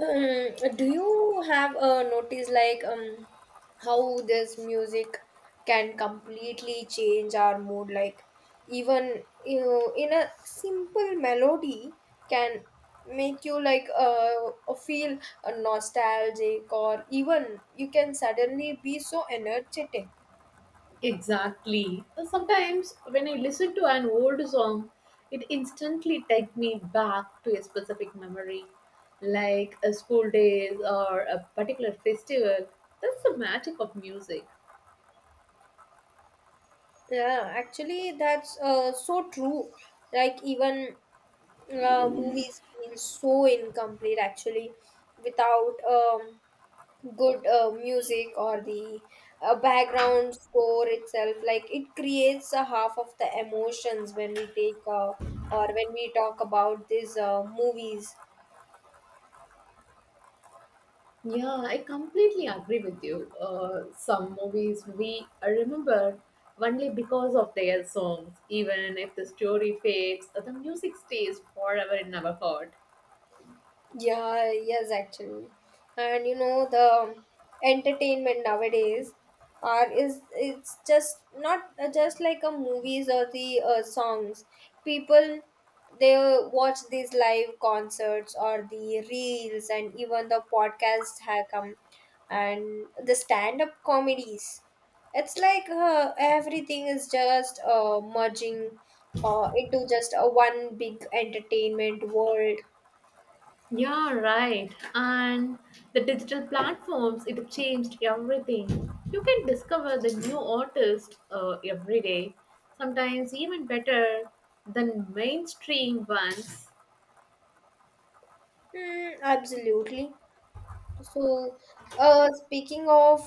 Do you have a notice like how this music can completely change our mood? Like even you know, in a simple melody can make you like feel nostalgic, or even you can suddenly be so energetic. Exactly. Sometimes when I listen to an old song, it instantly takes me back to a specific memory, like a school days or a particular festival. That's the magic of music. Yeah, actually, that's so true. Like even movies feel so incomplete actually without good music or the background score itself, like it creates a half of the emotions when we take or when we talk about these movies. Yeah, I completely agree with you. Some movies we remember only because of their songs. Even if the story fades, the music stays forever in our heart. Yeah, yes, actually. And you know, the entertainment nowadays are is it's just not just like a movies or the songs. People they watch these live concerts or the reels, and even the podcasts have come, and the stand-up comedies. It's like everything is just merging into just a one big entertainment world. Yeah, right. And the digital platforms, it changed everything. You can discover the new artist every day, sometimes even better than mainstream ones. Mm, absolutely. So, speaking of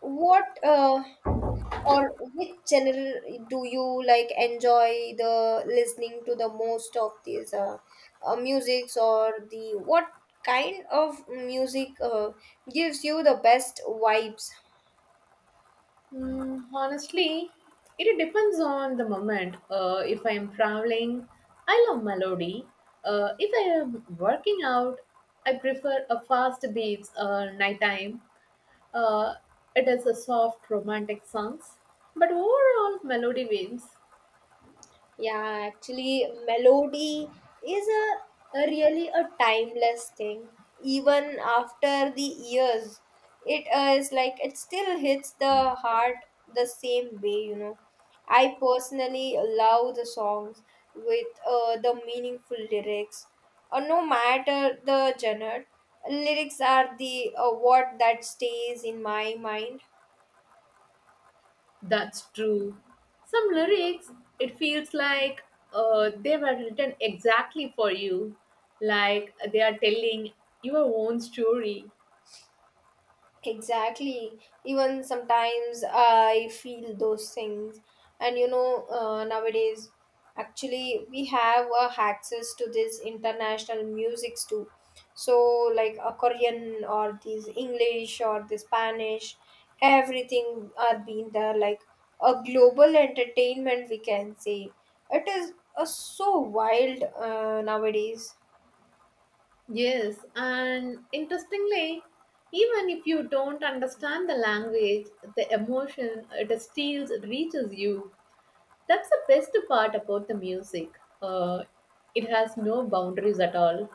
what or which channel do you like enjoy the listening to the most of these musics, or the what kind of music gives you the best vibes? Honestly, it depends on the moment. If I am traveling, I love melody. If I am working out, I prefer a fast beats or nighttime. Uh, it is a soft romantic songs, but overall melody wins. Yeah, actually, melody is a really a timeless thing. Even after the years, it is like it still hits the heart the same way, you know. I personally love the songs with the meaningful lyrics. No matter the genre, lyrics are the what that stays in my mind. That's true. Some lyrics, it feels like they were written exactly for you, like they are telling your own story. Exactly. Even sometimes I feel those things. And you know, nowadays, actually, we have access to these international musics too. So, like a Korean or these English or the Spanish, everything are being there. Like a global entertainment, we can say. It is so wild nowadays. Yes, and interestingly, even if you don't understand the language, the emotion it still reaches you. That's the best part about the music. It has no boundaries at all.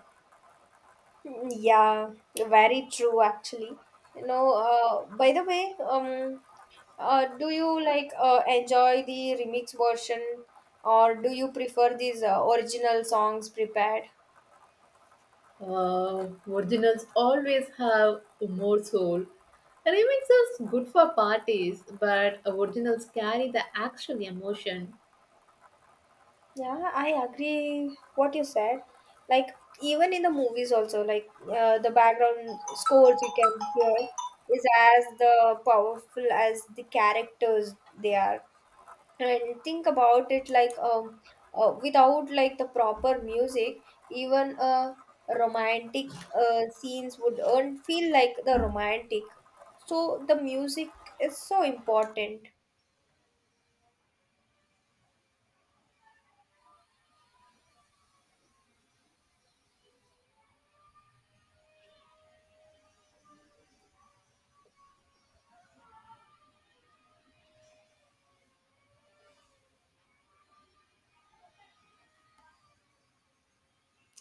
Mm, yeah, very true actually. You know, by the way, do you like enjoy the remix version, or do you prefer these original songs prepared? Originals always have more soul. Remakes are good for parties, but originals carry the actual emotion. Yeah, I agree what you said. Like even in the movies also, like the background scores you can hear is as the powerful as the characters they are. And think about it like without like the proper music, even romantic scenes would earn feel like the romantic. So the music is so important.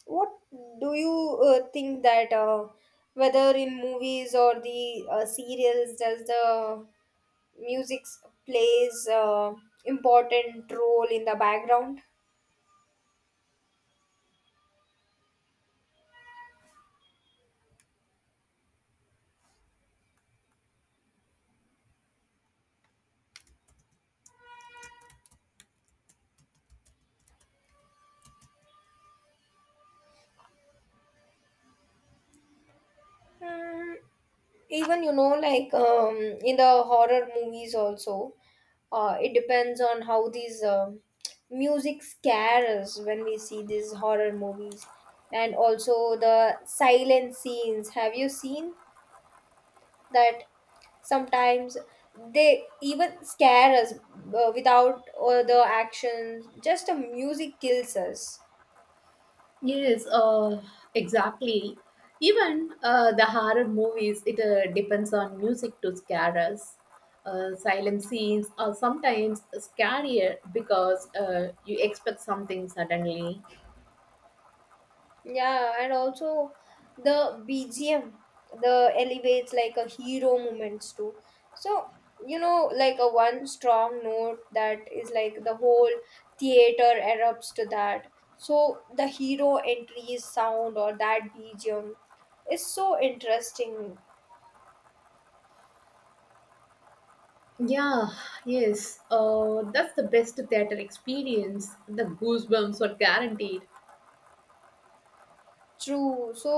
What do you think that whether in movies or the serials does the music plays important role in the background? Hmm, even you know like in the horror movies also, it depends on how these music scare us when we see these horror movies. And also the silent scenes, have you seen that sometimes they even scare us without the actions, just the music kills us. Yes, exactly. Even the horror movies, it depends on music to scare us. Silent scenes are sometimes scarier because you expect something suddenly. Yeah, and also the BGM, the elevates like a hero moments too. So, you know, like a one strong note that is like the whole theater erupts to that. So the hero entries sound or that BGM is so interesting. Yeah, yes. That's the best theater experience. The goosebumps are guaranteed. True. So,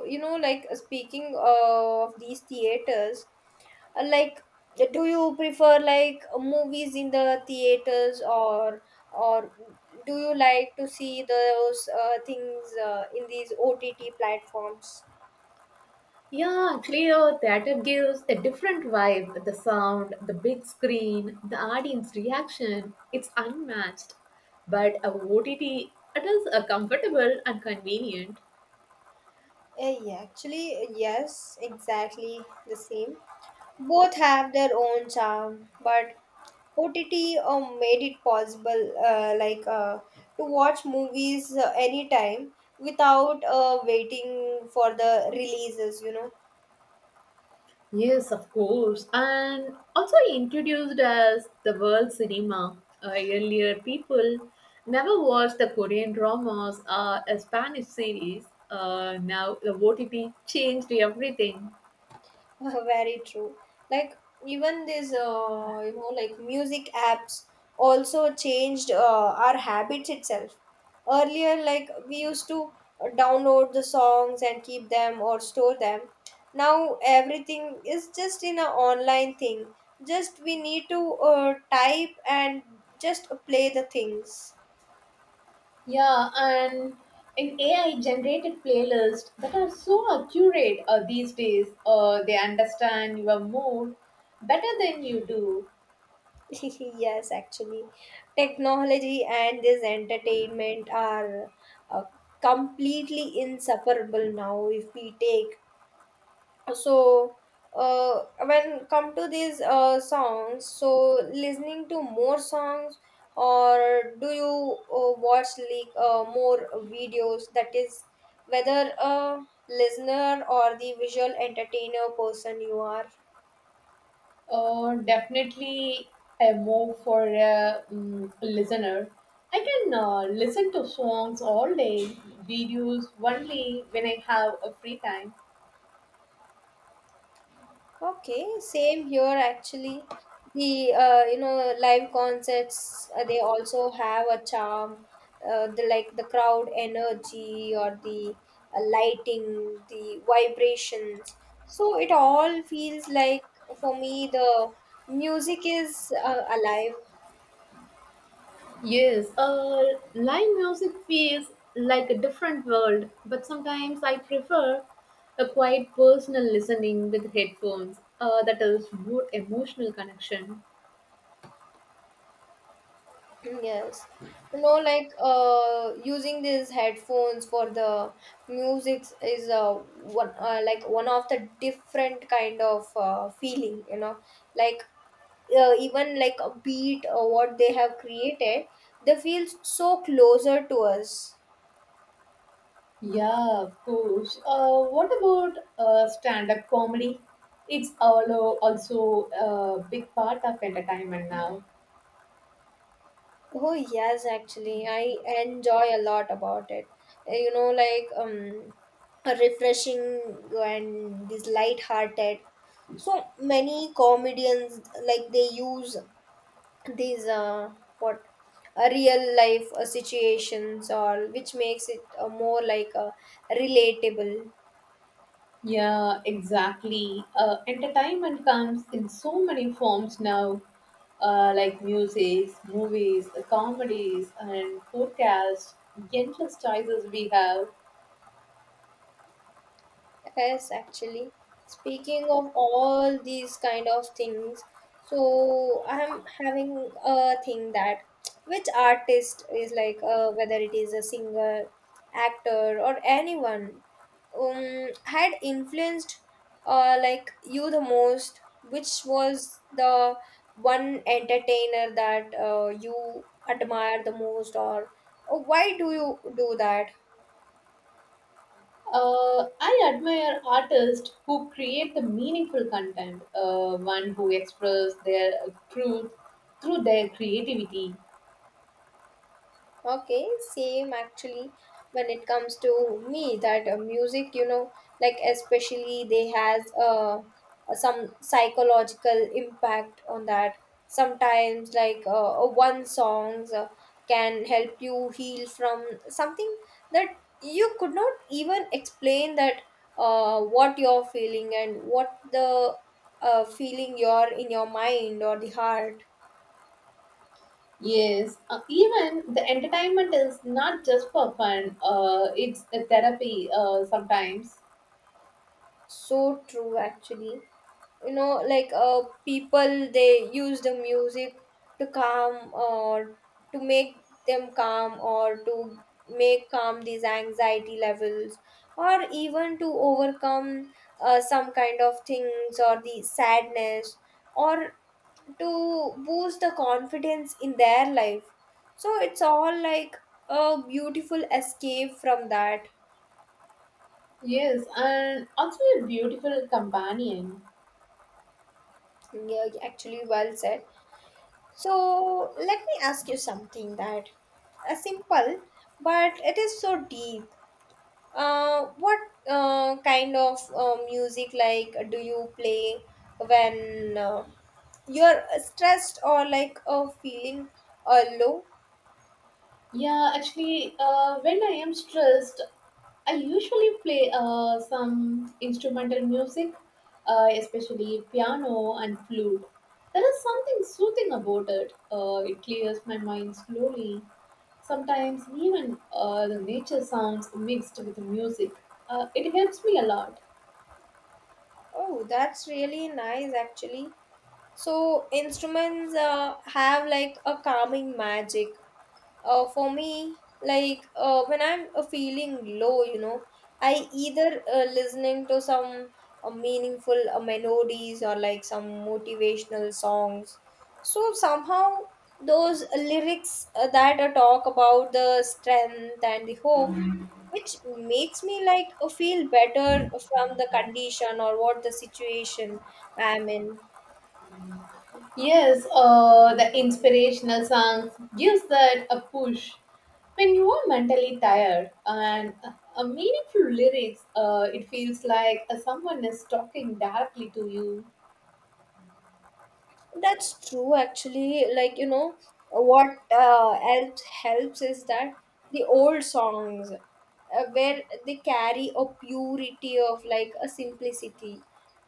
you know, like speaking of these theaters, like do you prefer like movies in the theaters, or do you like to see those things in these OTT platforms? Yeah, actually, your theater gives a different vibe. The sound, the big screen, the audience reaction, it's unmatched. But a OTT, it is comfortable and convenient. Eh, yeah, actually, yes, exactly the same. Both have their own charm, but OTT made it possible, like to watch movies anytime without waiting for the releases, you know. Yes, of course. And also introduced as the world cinema. Earlier, people never watched the Korean dramas or a Spanish series. Now, the OTT changed everything. Very true. Like even these, you know, like music apps also changed our habits itself. Earlier, like we used to download the songs and keep them or store them. Now everything is just in an online thing. Just we need to type and just play the things. Yeah, and an AI generated playlist that are so accurate these days. They understand your mood better than you do. Yes, actually, technology and this entertainment are uh, completely inseparable now if we take. So, when come to these songs, so listening to more songs, or do you watch like more videos? That is, whether a listener or the visual entertainer person you are. Definitely a move for a listener. I can listen to songs all day, videos only when I have a free time. Okay, same here actually. The you know live concerts they also have a charm. The like the crowd energy or the lighting, the vibrations. So it all feels like for me the music is alive. Yes, live music feels like a different world, but sometimes I prefer a quiet personal listening with headphones. That is more emotional connection. Yes. You know, like using these headphones for the music is one like one of the different kind of feeling, you know, like even like a beat or what they have created, they feel so closer to us. Yeah, of course. What about stand-up comedy? It's also a big part of entertainment now. Oh yes, actually, I enjoy a lot about it. You know, like a refreshing and this light-hearted. So many comedians like they use these what a real life situations, or which makes it more like relatable. Yeah, exactly. Entertainment comes in so many forms now, like music, movies, comedies, and podcasts. Endless choices we have. Yes, actually. Speaking of all these kind of things, so I'm having a thing that which artist is like, whether it is a singer, actor, or anyone, had influenced, like you the most. Which was the one entertainer that you admire the most, or why do you do that? I admire artists who create the meaningful content, one who express their truth through their creativity. Okay, same actually when it comes to me that music, you know, like especially they has some psychological impact on that. Sometimes like one songs can help you heal from something that you could not even explain, that what you're feeling and what the feeling you're in your mind or the heart. Yes, even the entertainment is not just for fun. It's a therapy sometimes. So true actually, you know like people they use the music to calm, or to make them calm, or to make calm these anxiety levels, or even to overcome some kind of things or the sadness, or to boost the confidence in their life. So it's all like a beautiful escape from that. Yes, and also a beautiful companion. Yeah, actually, well said. So let me ask you something that simple, but it is so deep. What kind of music like do you play when you're stressed or like feeling low? Yeah, actually, when I am stressed, I usually play some instrumental music, especially piano and flute. There is something soothing about it. It clears my mind slowly. Sometimes even the nature sounds mixed with the music. It helps me a lot. Oh, that's really nice actually. So instruments have like a calming magic. Uh, for me like when I'm feeling low, you know, I either listening to some meaningful melodies or like some motivational songs. So somehow those lyrics that talk about the strength and the hope, which makes me like feel better from the condition or what the situation I'm in. Yes, the inspirational songs gives that a push when you are mentally tired, and a meaningful lyrics, it feels like someone is talking directly to you. That's true, actually. Like, you know, what else helps is that the old songs, where they carry a purity of like a simplicity.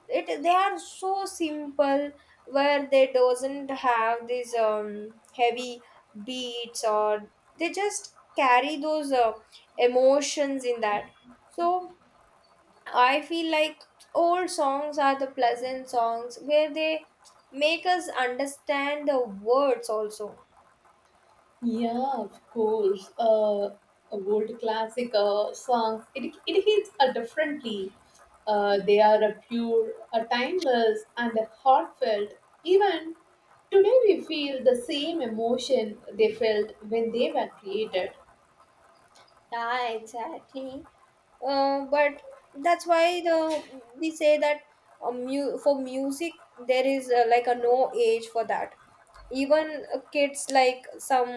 It they are so simple, where they doesn't have these heavy beats, or they just carry those emotions in that. So I feel like old songs are the pleasant songs where they make us understand the words also. Yeah, of course. A world classic songs, it hits differently. They are a pure, a timeless, and a heartfelt. Even today, we feel the same emotion they felt when they were created. Yeah, exactly. But that's why the we say that for music there is like a no age for that. Even kids like some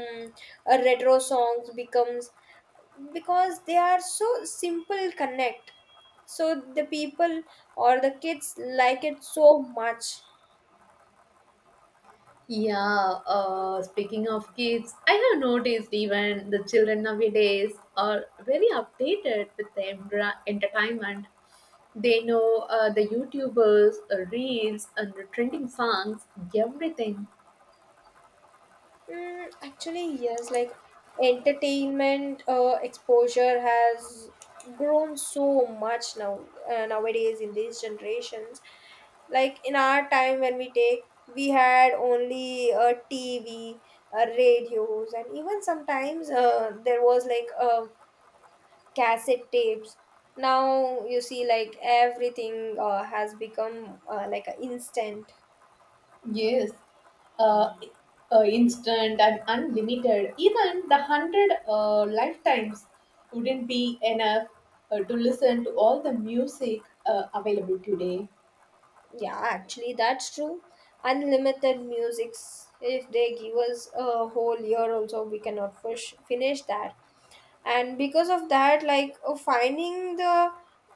retro songs becomes because they are so simple connect. So the people or the kids like it so much. Yeah, speaking of kids, I have noticed even the children nowadays are very updated with the entertainment. They know the YouTubers, reels, and the trending songs, everything. Mm, actually, yes, like entertainment exposure has grown so much now nowadays in these generations. Like in our time when we take, we had only TV, radios, and even sometimes there was like cassette tapes. Now you see, like everything has become like a instant. Yes, uh, instant and unlimited. Even the 100 lifetimes wouldn't be enough to listen to all the music available today. Yeah, actually, that's true. Unlimited musics. If they give us a whole year, also we cannot finish that. And because of that, like finding the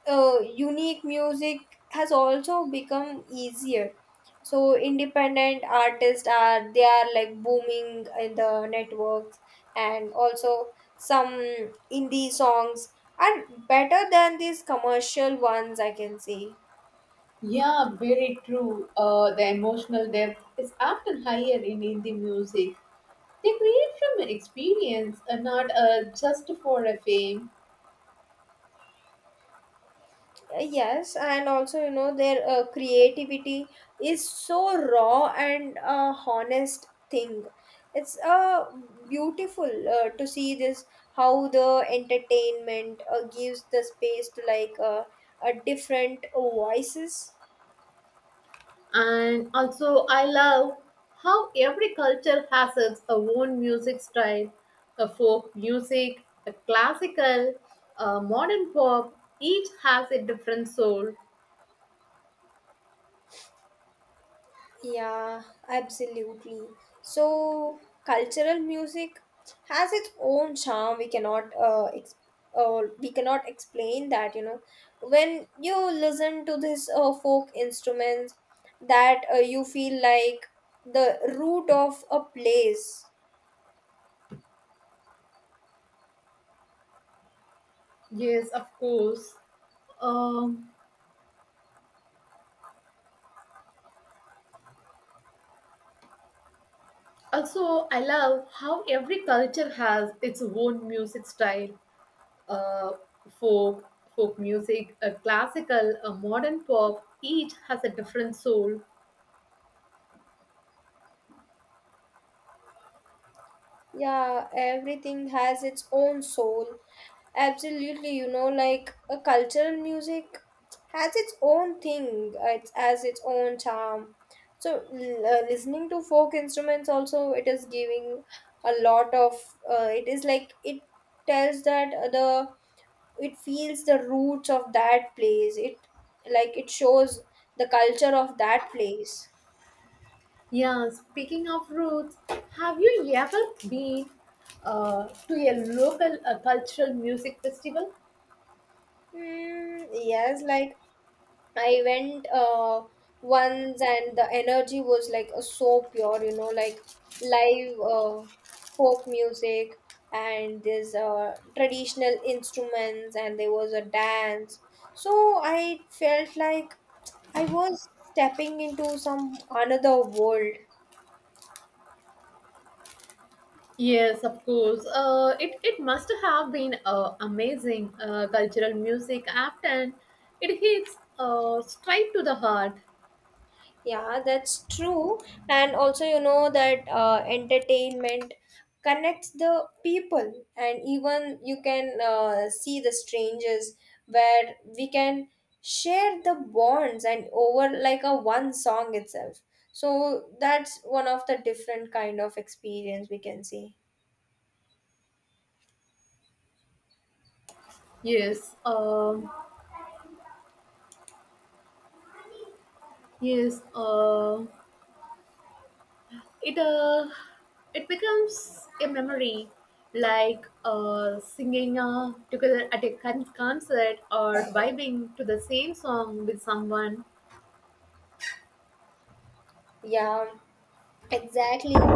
unique music has also become easier. So independent artists are they are like booming in the networks, and also some indie songs are better than these commercial ones, I can say. Yeah, very true. The emotional depth is often higher in Hindi music. They create from an experience and not just for a fame. Yes, and also you know their creativity is so raw and honest thing. It's beautiful to see this how the entertainment gives the space to like a different voices. And also, I love how every culture has its own music style a folk music, a classical, a modern pop. Each has a different soul. Yeah, absolutely. So, cultural music has its own charm. We cannot we cannot explain that, you know. When you listen to this folk instruments, that you feel like the root of a place. Yes, of course. Um. Also, I love how every culture has its own music style uh, folk, folk music, classical, modern pop. Each has a different soul. Yeah, everything has its own soul. Absolutely, you know, like a cultural music has its own thing, it has its own charm. So, listening to folk instruments also, it is giving a lot of, it is like it tells that the it feels the roots of that place. It like it shows the culture of that place. Yeah, speaking of roots, have you ever been to a local cultural music festival? Hmm, yes, like I went once, and the energy was like so pure, you know, like live folk music, and there's traditional instruments, and there was a dance. So I felt like I was stepping into some another world. Yes, of course. It must have been amazing. Cultural music often it hits straight to the heart. Yeah, that's true. And also, you know that entertainment connects the people, and even you can see the strangers where we can share the bonds and over like a one song itself. So that's one of the different kind of experience we can see. Yes. Yes, it uh, it becomes a memory, like singing together at a concert or vibing to the same song with someone. Yeah. Exactly.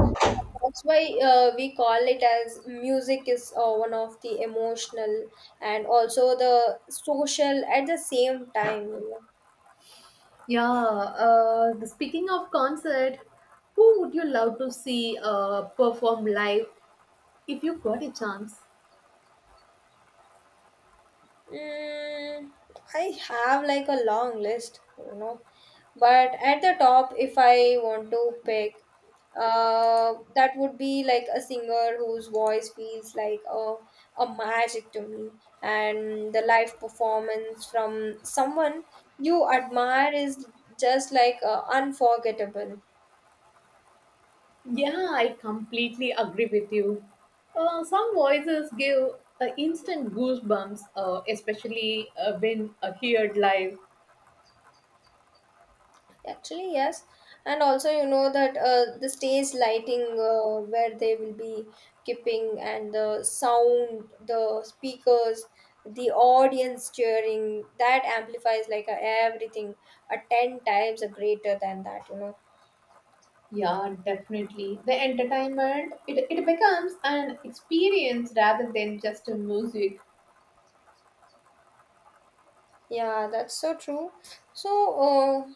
That's why we call it as music is one of the emotional and also the social at the same time. You know. Yeah, speaking of concert, who would you love to see perform live if you got a chance? Mm, I have like a long list, you know, but at the top, if I want to pick, that would be like a singer whose voice feels like a magic to me, and the live performance from someone you admire is just like unforgettable. Yeah, I completely agree with you. Some voices give instant goosebumps, especially when heard live. Actually, yes. And also, you know that the stage lighting where they will be keeping and the sound, the speakers, the audience cheering, that amplifies like everything a 10 times a greater than that, you know. Yeah, definitely. The entertainment, it becomes an experience rather than just a music. Yeah, that's so true. So,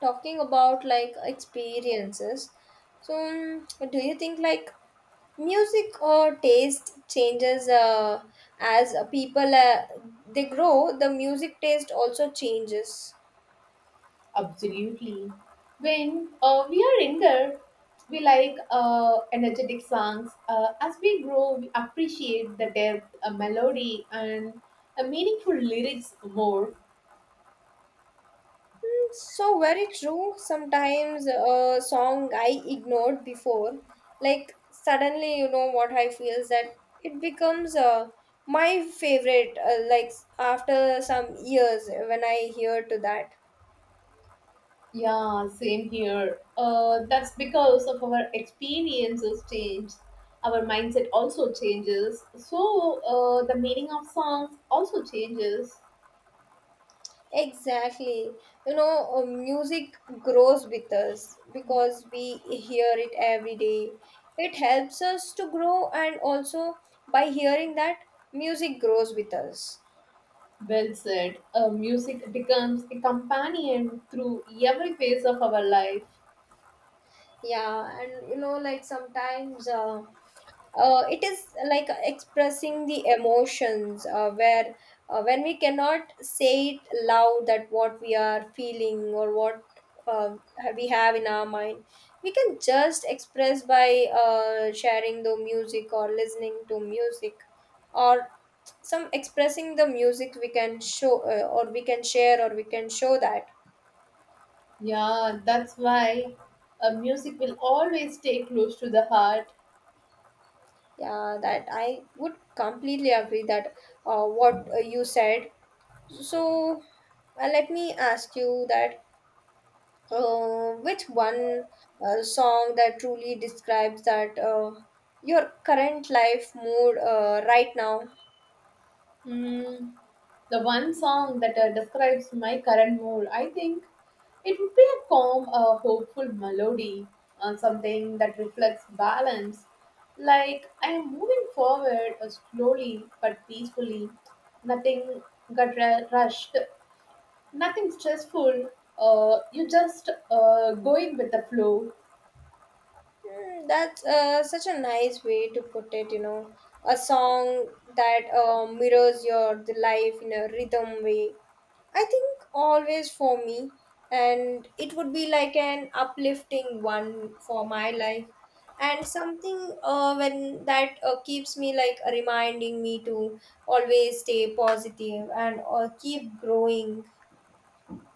talking about like experiences, so do you think like music or taste changes as people they grow? The music taste also changes. Absolutely. When we are younger, we like energetic songs. As we grow, we appreciate the depth, a melody, and a meaningful lyrics more. Hmm, so very true. Sometimes a song I ignored before, like suddenly, you know what I feel is that it becomes my favorite. Like after some years, when I hear to that. Yeah, same here. That's because of our experiences change. Our mindset also changes. So the meaning of songs also changes. Exactly. You know, music grows with us because we hear it every day. It helps us to grow, and also by hearing that, music grows with us. Well said. Music becomes a companion through every phase of our life. Yeah, and you know, like sometimes it is like expressing the emotions where when we cannot say it loud that what we are feeling or what uh, we have in our mind, we can just express by sharing the music or listening to music or some expressing the music we can show or we can share or we can show that. Yeah, that's why music will always stay close to the heart. Yeah, that I would completely agree that what you said. So let me ask you that which one song that truly describes that your current life mood right now? Mm, the one song that describes my current mood, I think it would be a calm, a hopeful melody, something that reflects balance. Like I am moving forward slowly but peacefully. Nothing got rushed, nothing stressful. You just going with the flow. Mm, that's such a nice way to put it, you know. A song that mirrors your the life in a rhythm way. I think always for me, and it would be like an uplifting one for my life, and something when that keeps me like reminding me to always stay positive and keep growing.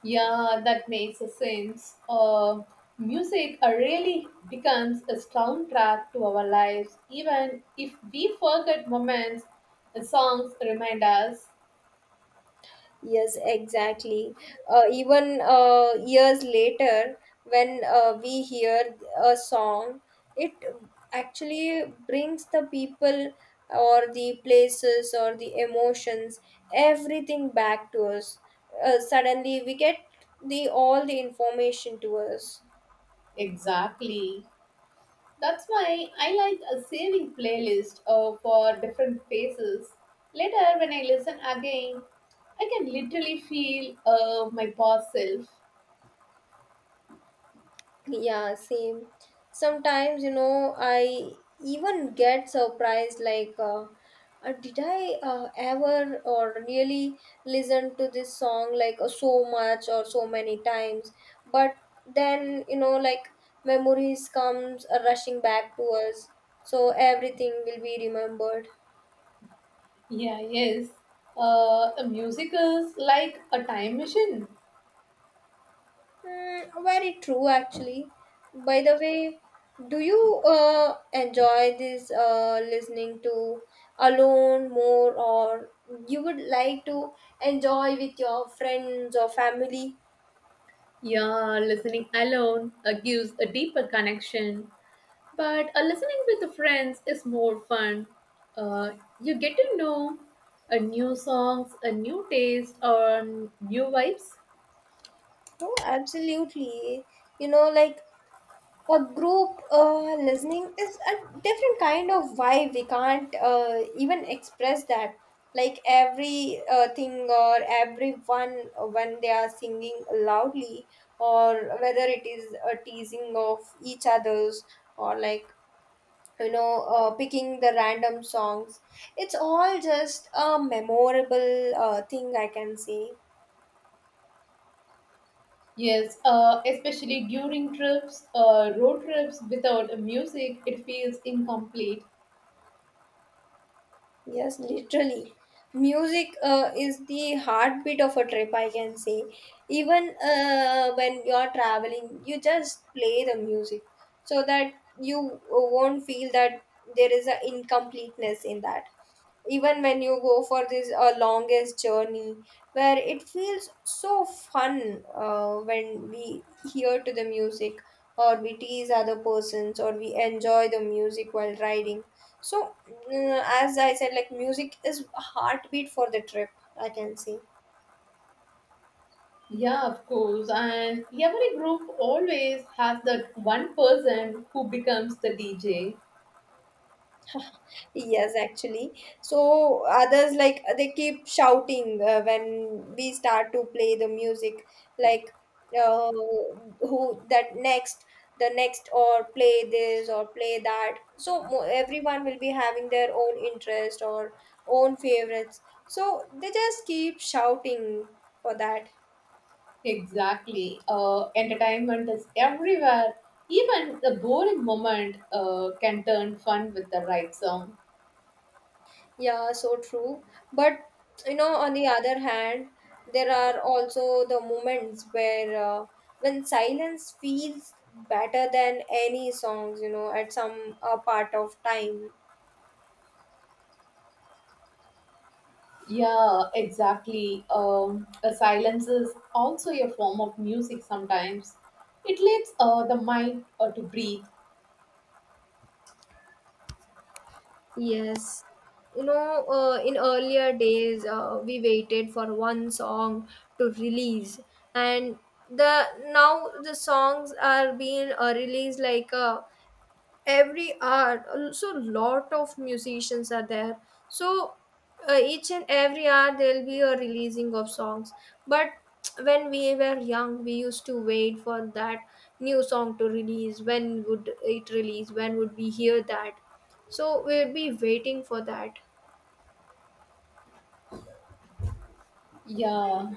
Yeah, that makes a sense. Music really becomes a soundtrack to our lives, even if we forget moments, the songs remind us. Yes, exactly. Even years later, when we hear a song, it actually brings the people or the places or the emotions, everything back to us. Suddenly, we get the all the information to us. Exactly. That's why I like a saving playlist for different phases. Later, when I listen again, I can literally feel my past self. Yeah, same. Sometimes, you know, I even get surprised like, did I ever or really listen to this song like so much or so many times? But then, you know, like memories comes rushing back to us, so everything will be remembered. Yeah, yes. The music is like a time machine. Mm, very true, actually. By the way, do you enjoy this listening to alone more, or you would like to enjoy with your friends or family? Yeah, listening alone gives a deeper connection, but listening with the friends is more fun. Uh, you get to know a new songs, a new taste, or new vibes. Oh, absolutely. You know, like a group listening is a different kind of vibe we can't even express that like every thing or everyone when they are singing loudly or whether it is a teasing of each other's or like picking the random songs, it's all just a memorable thing I can say. Yes, especially during trips, road trips without music, it feels incomplete. Yes, literally. Music is the heartbeat of a trip, I can say. Even when you're traveling, you just play the music so that you won't feel that there is a incompleteness in that even when you go for this longest journey where it feels so fun when we hear to the music or we tease other persons or we enjoy the music while riding. So mm, as I said, like music is heartbeat for the trip, I can say. Yeah, of course, and every group always has that one person who becomes the DJ. Yes, actually. So others like they keep shouting when we start to play the music, like uh, who that next, the next, or play this or play that. So everyone will be having their own interest or own favorites. So they just keep shouting for that. Exactly. Entertainment is everywhere. Even the boring moment can turn fun with the right song. Yeah, so true. But you know, on the other hand, there are also the moments where when silence feels better than any songs, you know, at some part of time. Yeah, exactly. The silence is also a form of music sometimes. It lets the mind to breathe. Yes. You know, in earlier days, we waited for one song to release, and the now the songs are being released like every hour. Also lot of musicians are there, so each and every hour there'll be a releasing of songs. But when we were young we used to wait for that new song to release. When would it release? When would we hear that? So we'll be waiting for that. Yeah.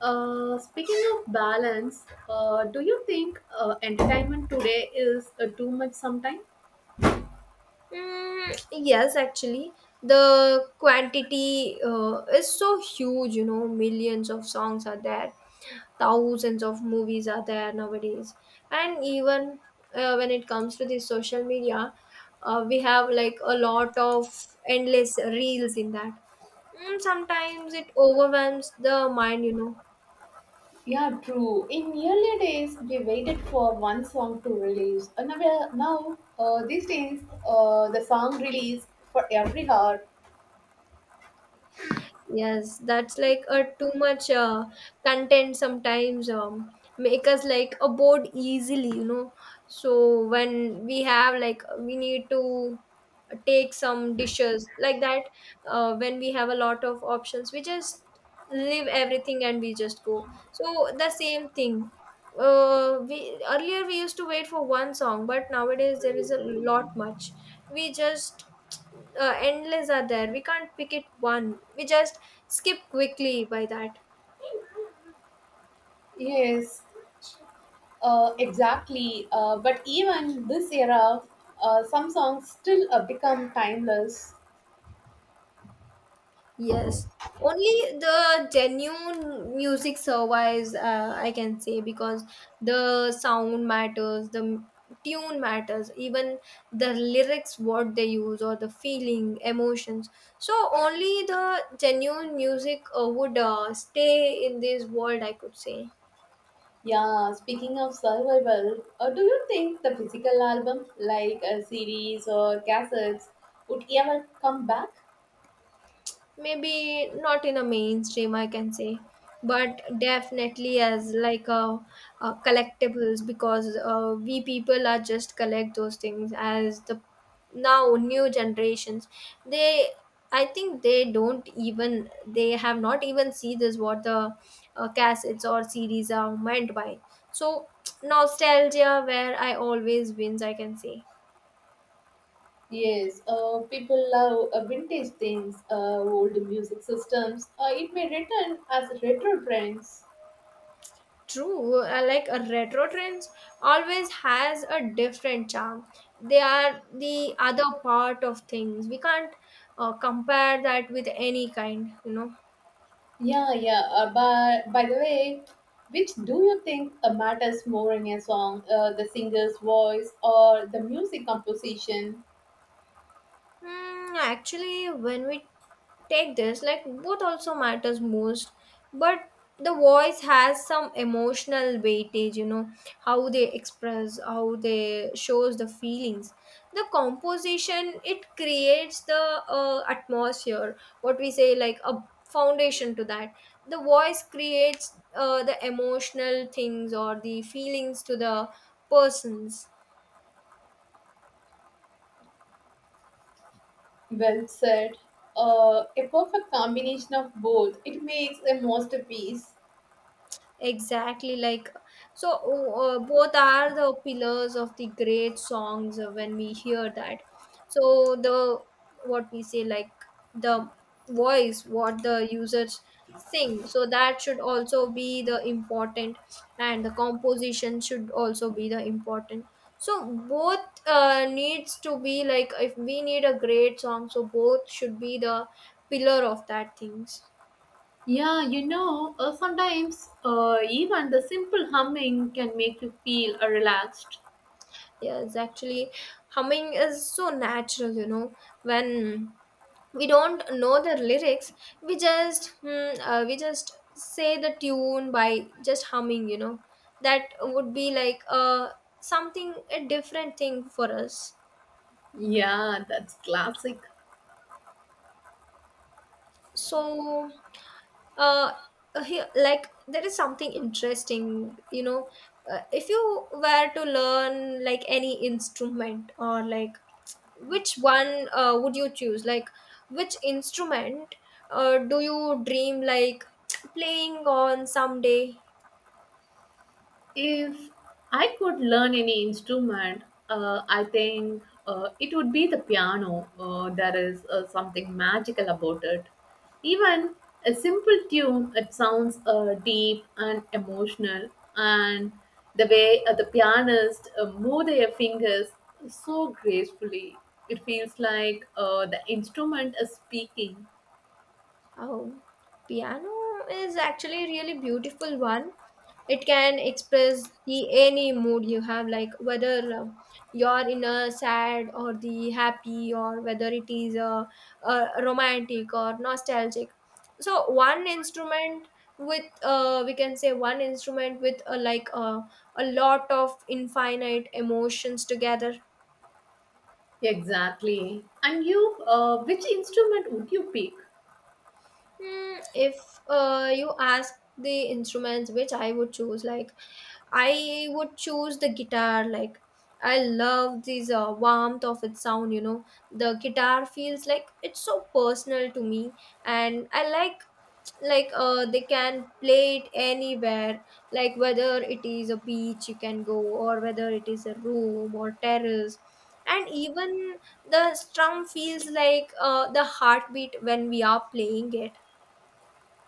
Speaking of balance, do you think entertainment today is too much sometimes? Mm, yes, actually, the quantity is so huge, you know, millions of songs are there, thousands of movies are there nowadays. And even when it comes to the social media, we have like a lot of endless reels in that. Mm, sometimes it overwhelms the mind, you know. Yeah, true. In earlier days, we waited for one song to release. And now, well, these days, the song release for every hour. Yes, that's like a too much content sometimes, make us like a bored easily, you know. So when we have like we need to take some dishes like that, when we have a lot of options, we just leave everything and we just go. So the same thing, we earlier we used to wait for one song but nowadays there is a lot much, we just endless are there, we can't pick it one, we just skip quickly by that. Yes, exactly. But even this era, some songs still become timeless. Yes, only the genuine music survives, I can say, because the sound matters, the tune matters, even the lyrics, what they use, or the feeling, emotions. So, only the genuine music would stay in this world, I could say. Yeah, speaking of survival, do you think the physical album, like a series or cassettes, would ever come back? Maybe not in a mainstream I can say, but definitely as like a collectibles, because we people are just collect those things. As the now new generations, they, I think they don't even, they have not even see this what the cassettes or series are meant by. So nostalgia where I always wins, I can say. Yes, people love vintage things, old music systems. It may return as retro trends. True, like a retro trends always has a different charm. They are the other part of things. We can't compare that with any kind, you know. Yeah, yeah. By the way, which do you think matters more in a song? The singer's voice or the music composition? Hmm, actually, when we take this, like both also matters most, but the voice has some emotional weightage. You know how they express, how they shows the feelings, the composition. It creates the atmosphere. What we say, like a foundation to that. The voice creates the emotional things or the feelings to the persons. Well said. A perfect combination of both. It makes a masterpiece. Exactly, like so, both are the pillars of the great songs when we hear that. So, the what we say, like the voice, what the users sing, so that should also be the important, and the composition should also be the important. So, both needs to be like if we need a great song, so both should be the pillar of that things. Yeah, sometimes even the simple humming can make you feel relaxed. Yes, actually, humming is so natural, you know. When we don't know the lyrics, we just hmm, we just say the tune by just humming, you know. That would be like uh, something a different thing for us. Yeah, that's classic. So uh here, like there is something interesting, you know. If you were to learn like any instrument or like which one would you choose, like which instrument do you dream like playing on someday? If I could learn any instrument, I think it would be the piano. There is something magical about it. Even a simple tune, it sounds deep and emotional, and the way the pianist move their fingers so gracefully, it feels like the instrument is speaking. Oh, piano is actually a really beautiful one. It can express the any mood you have, like whether you're in a sad or the happy, or whether it is a romantic or nostalgic. So one instrument with, we can say one instrument with a lot of infinite emotions together. Exactly. And you, which instrument would you pick? Hmm, if you ask the instruments which I would choose, like I would choose the guitar. Like I love this warmth of its sound. You know, the guitar feels like it's so personal to me, and I like they can play it anywhere. Like whether it is a beach you can go, or whether it is a room or terrace, and even the strum feels like the heartbeat when we are playing it.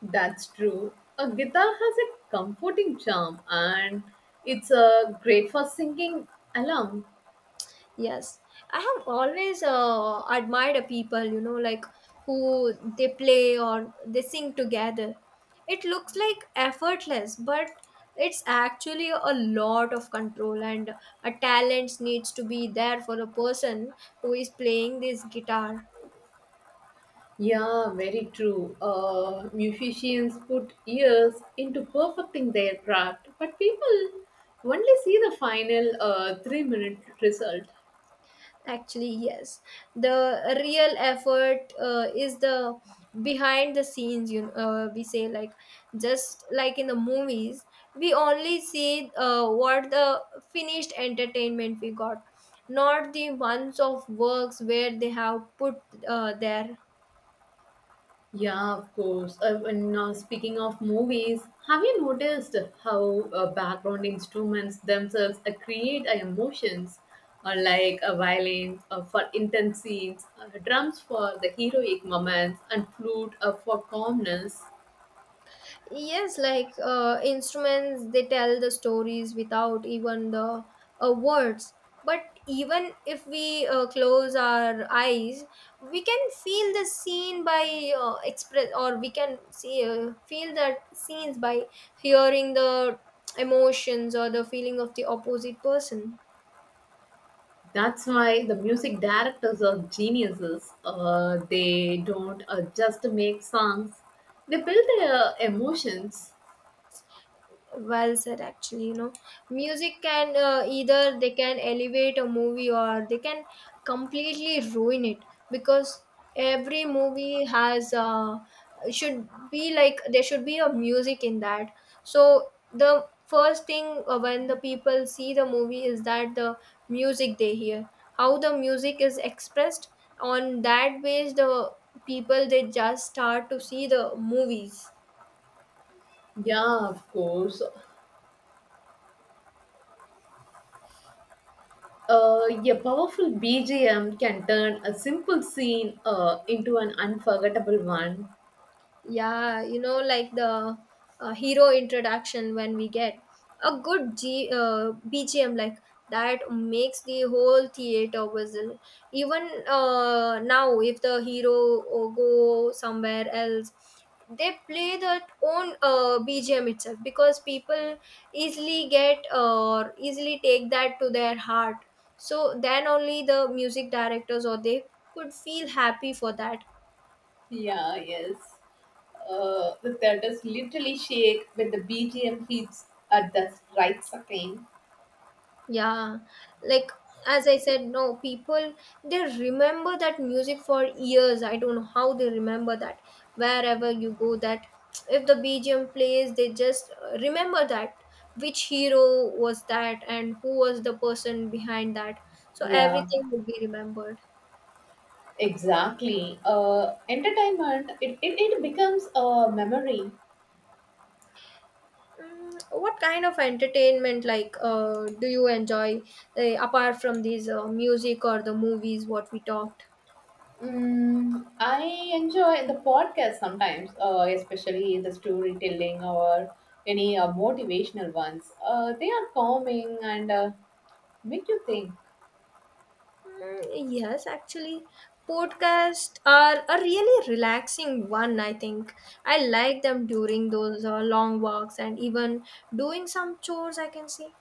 That's true. A guitar has a comforting charm and it's great for singing along. Yes, I have always admired a people, you know, like who they play or they sing together. It looks like effortless, but it's actually a lot of control and a talent needs to be there for a person who is playing this guitar. Yeah, very true. Musicians put years into perfecting their craft, but people only see the final 3-minute result. Actually, yes. The real effort is the behind the scenes. You know, we say like just like in the movies, we only see what the finished entertainment we got, not the months of works where they have put their. Yeah, of course. And now, speaking of movies, have you noticed how background instruments themselves create emotions, like violins for intense scenes, drums for the heroic moments, and flute for calmness? Yes, like instruments, they tell the stories without even the words. But even if we close our eyes, we can feel the scene by express, or we can see feel that scenes by hearing the emotions or the feeling of the opposite person. That's why the music directors are geniuses. They don't just make songs; they build their emotions. Well said, actually. You know music can either they can elevate a movie or they can completely ruin it, because every movie has should be like there should be a music in that. So the first thing when the people see the movie is that the music they hear, how the music is expressed, on that base the people they just start to see the movies. Yeah, of course. A powerful BGM can turn a simple scene into an unforgettable one. Yeah, you know, like the hero introduction when we get a good bgm, like that makes the whole theater whistle. Even now if the hero go somewhere else, they play their own bgm itself, because people easily get or easily take that to their heart. So then only the music directors or they could feel happy for that. Yeah, yes. The theaters literally shake when the BGM hits at the right second. Yeah, like as I said, no, people they remember that music for years. I don't know how they remember that. Wherever you go, that if the BGM plays, they just remember that which hero was that and who was the person behind that. So Yeah, everything would be remembered. exactly. Entertainment, it becomes a memory. Mm, what kind of entertainment like do you enjoy apart from these music or the movies what we talked? I enjoy the podcast sometimes, especially the storytelling or any motivational ones. They are calming and Como é que eu tenho? Mm, yes, actually, podcasts are a really relaxing one, I think. I like them during those long walks and even doing some chores, I can say.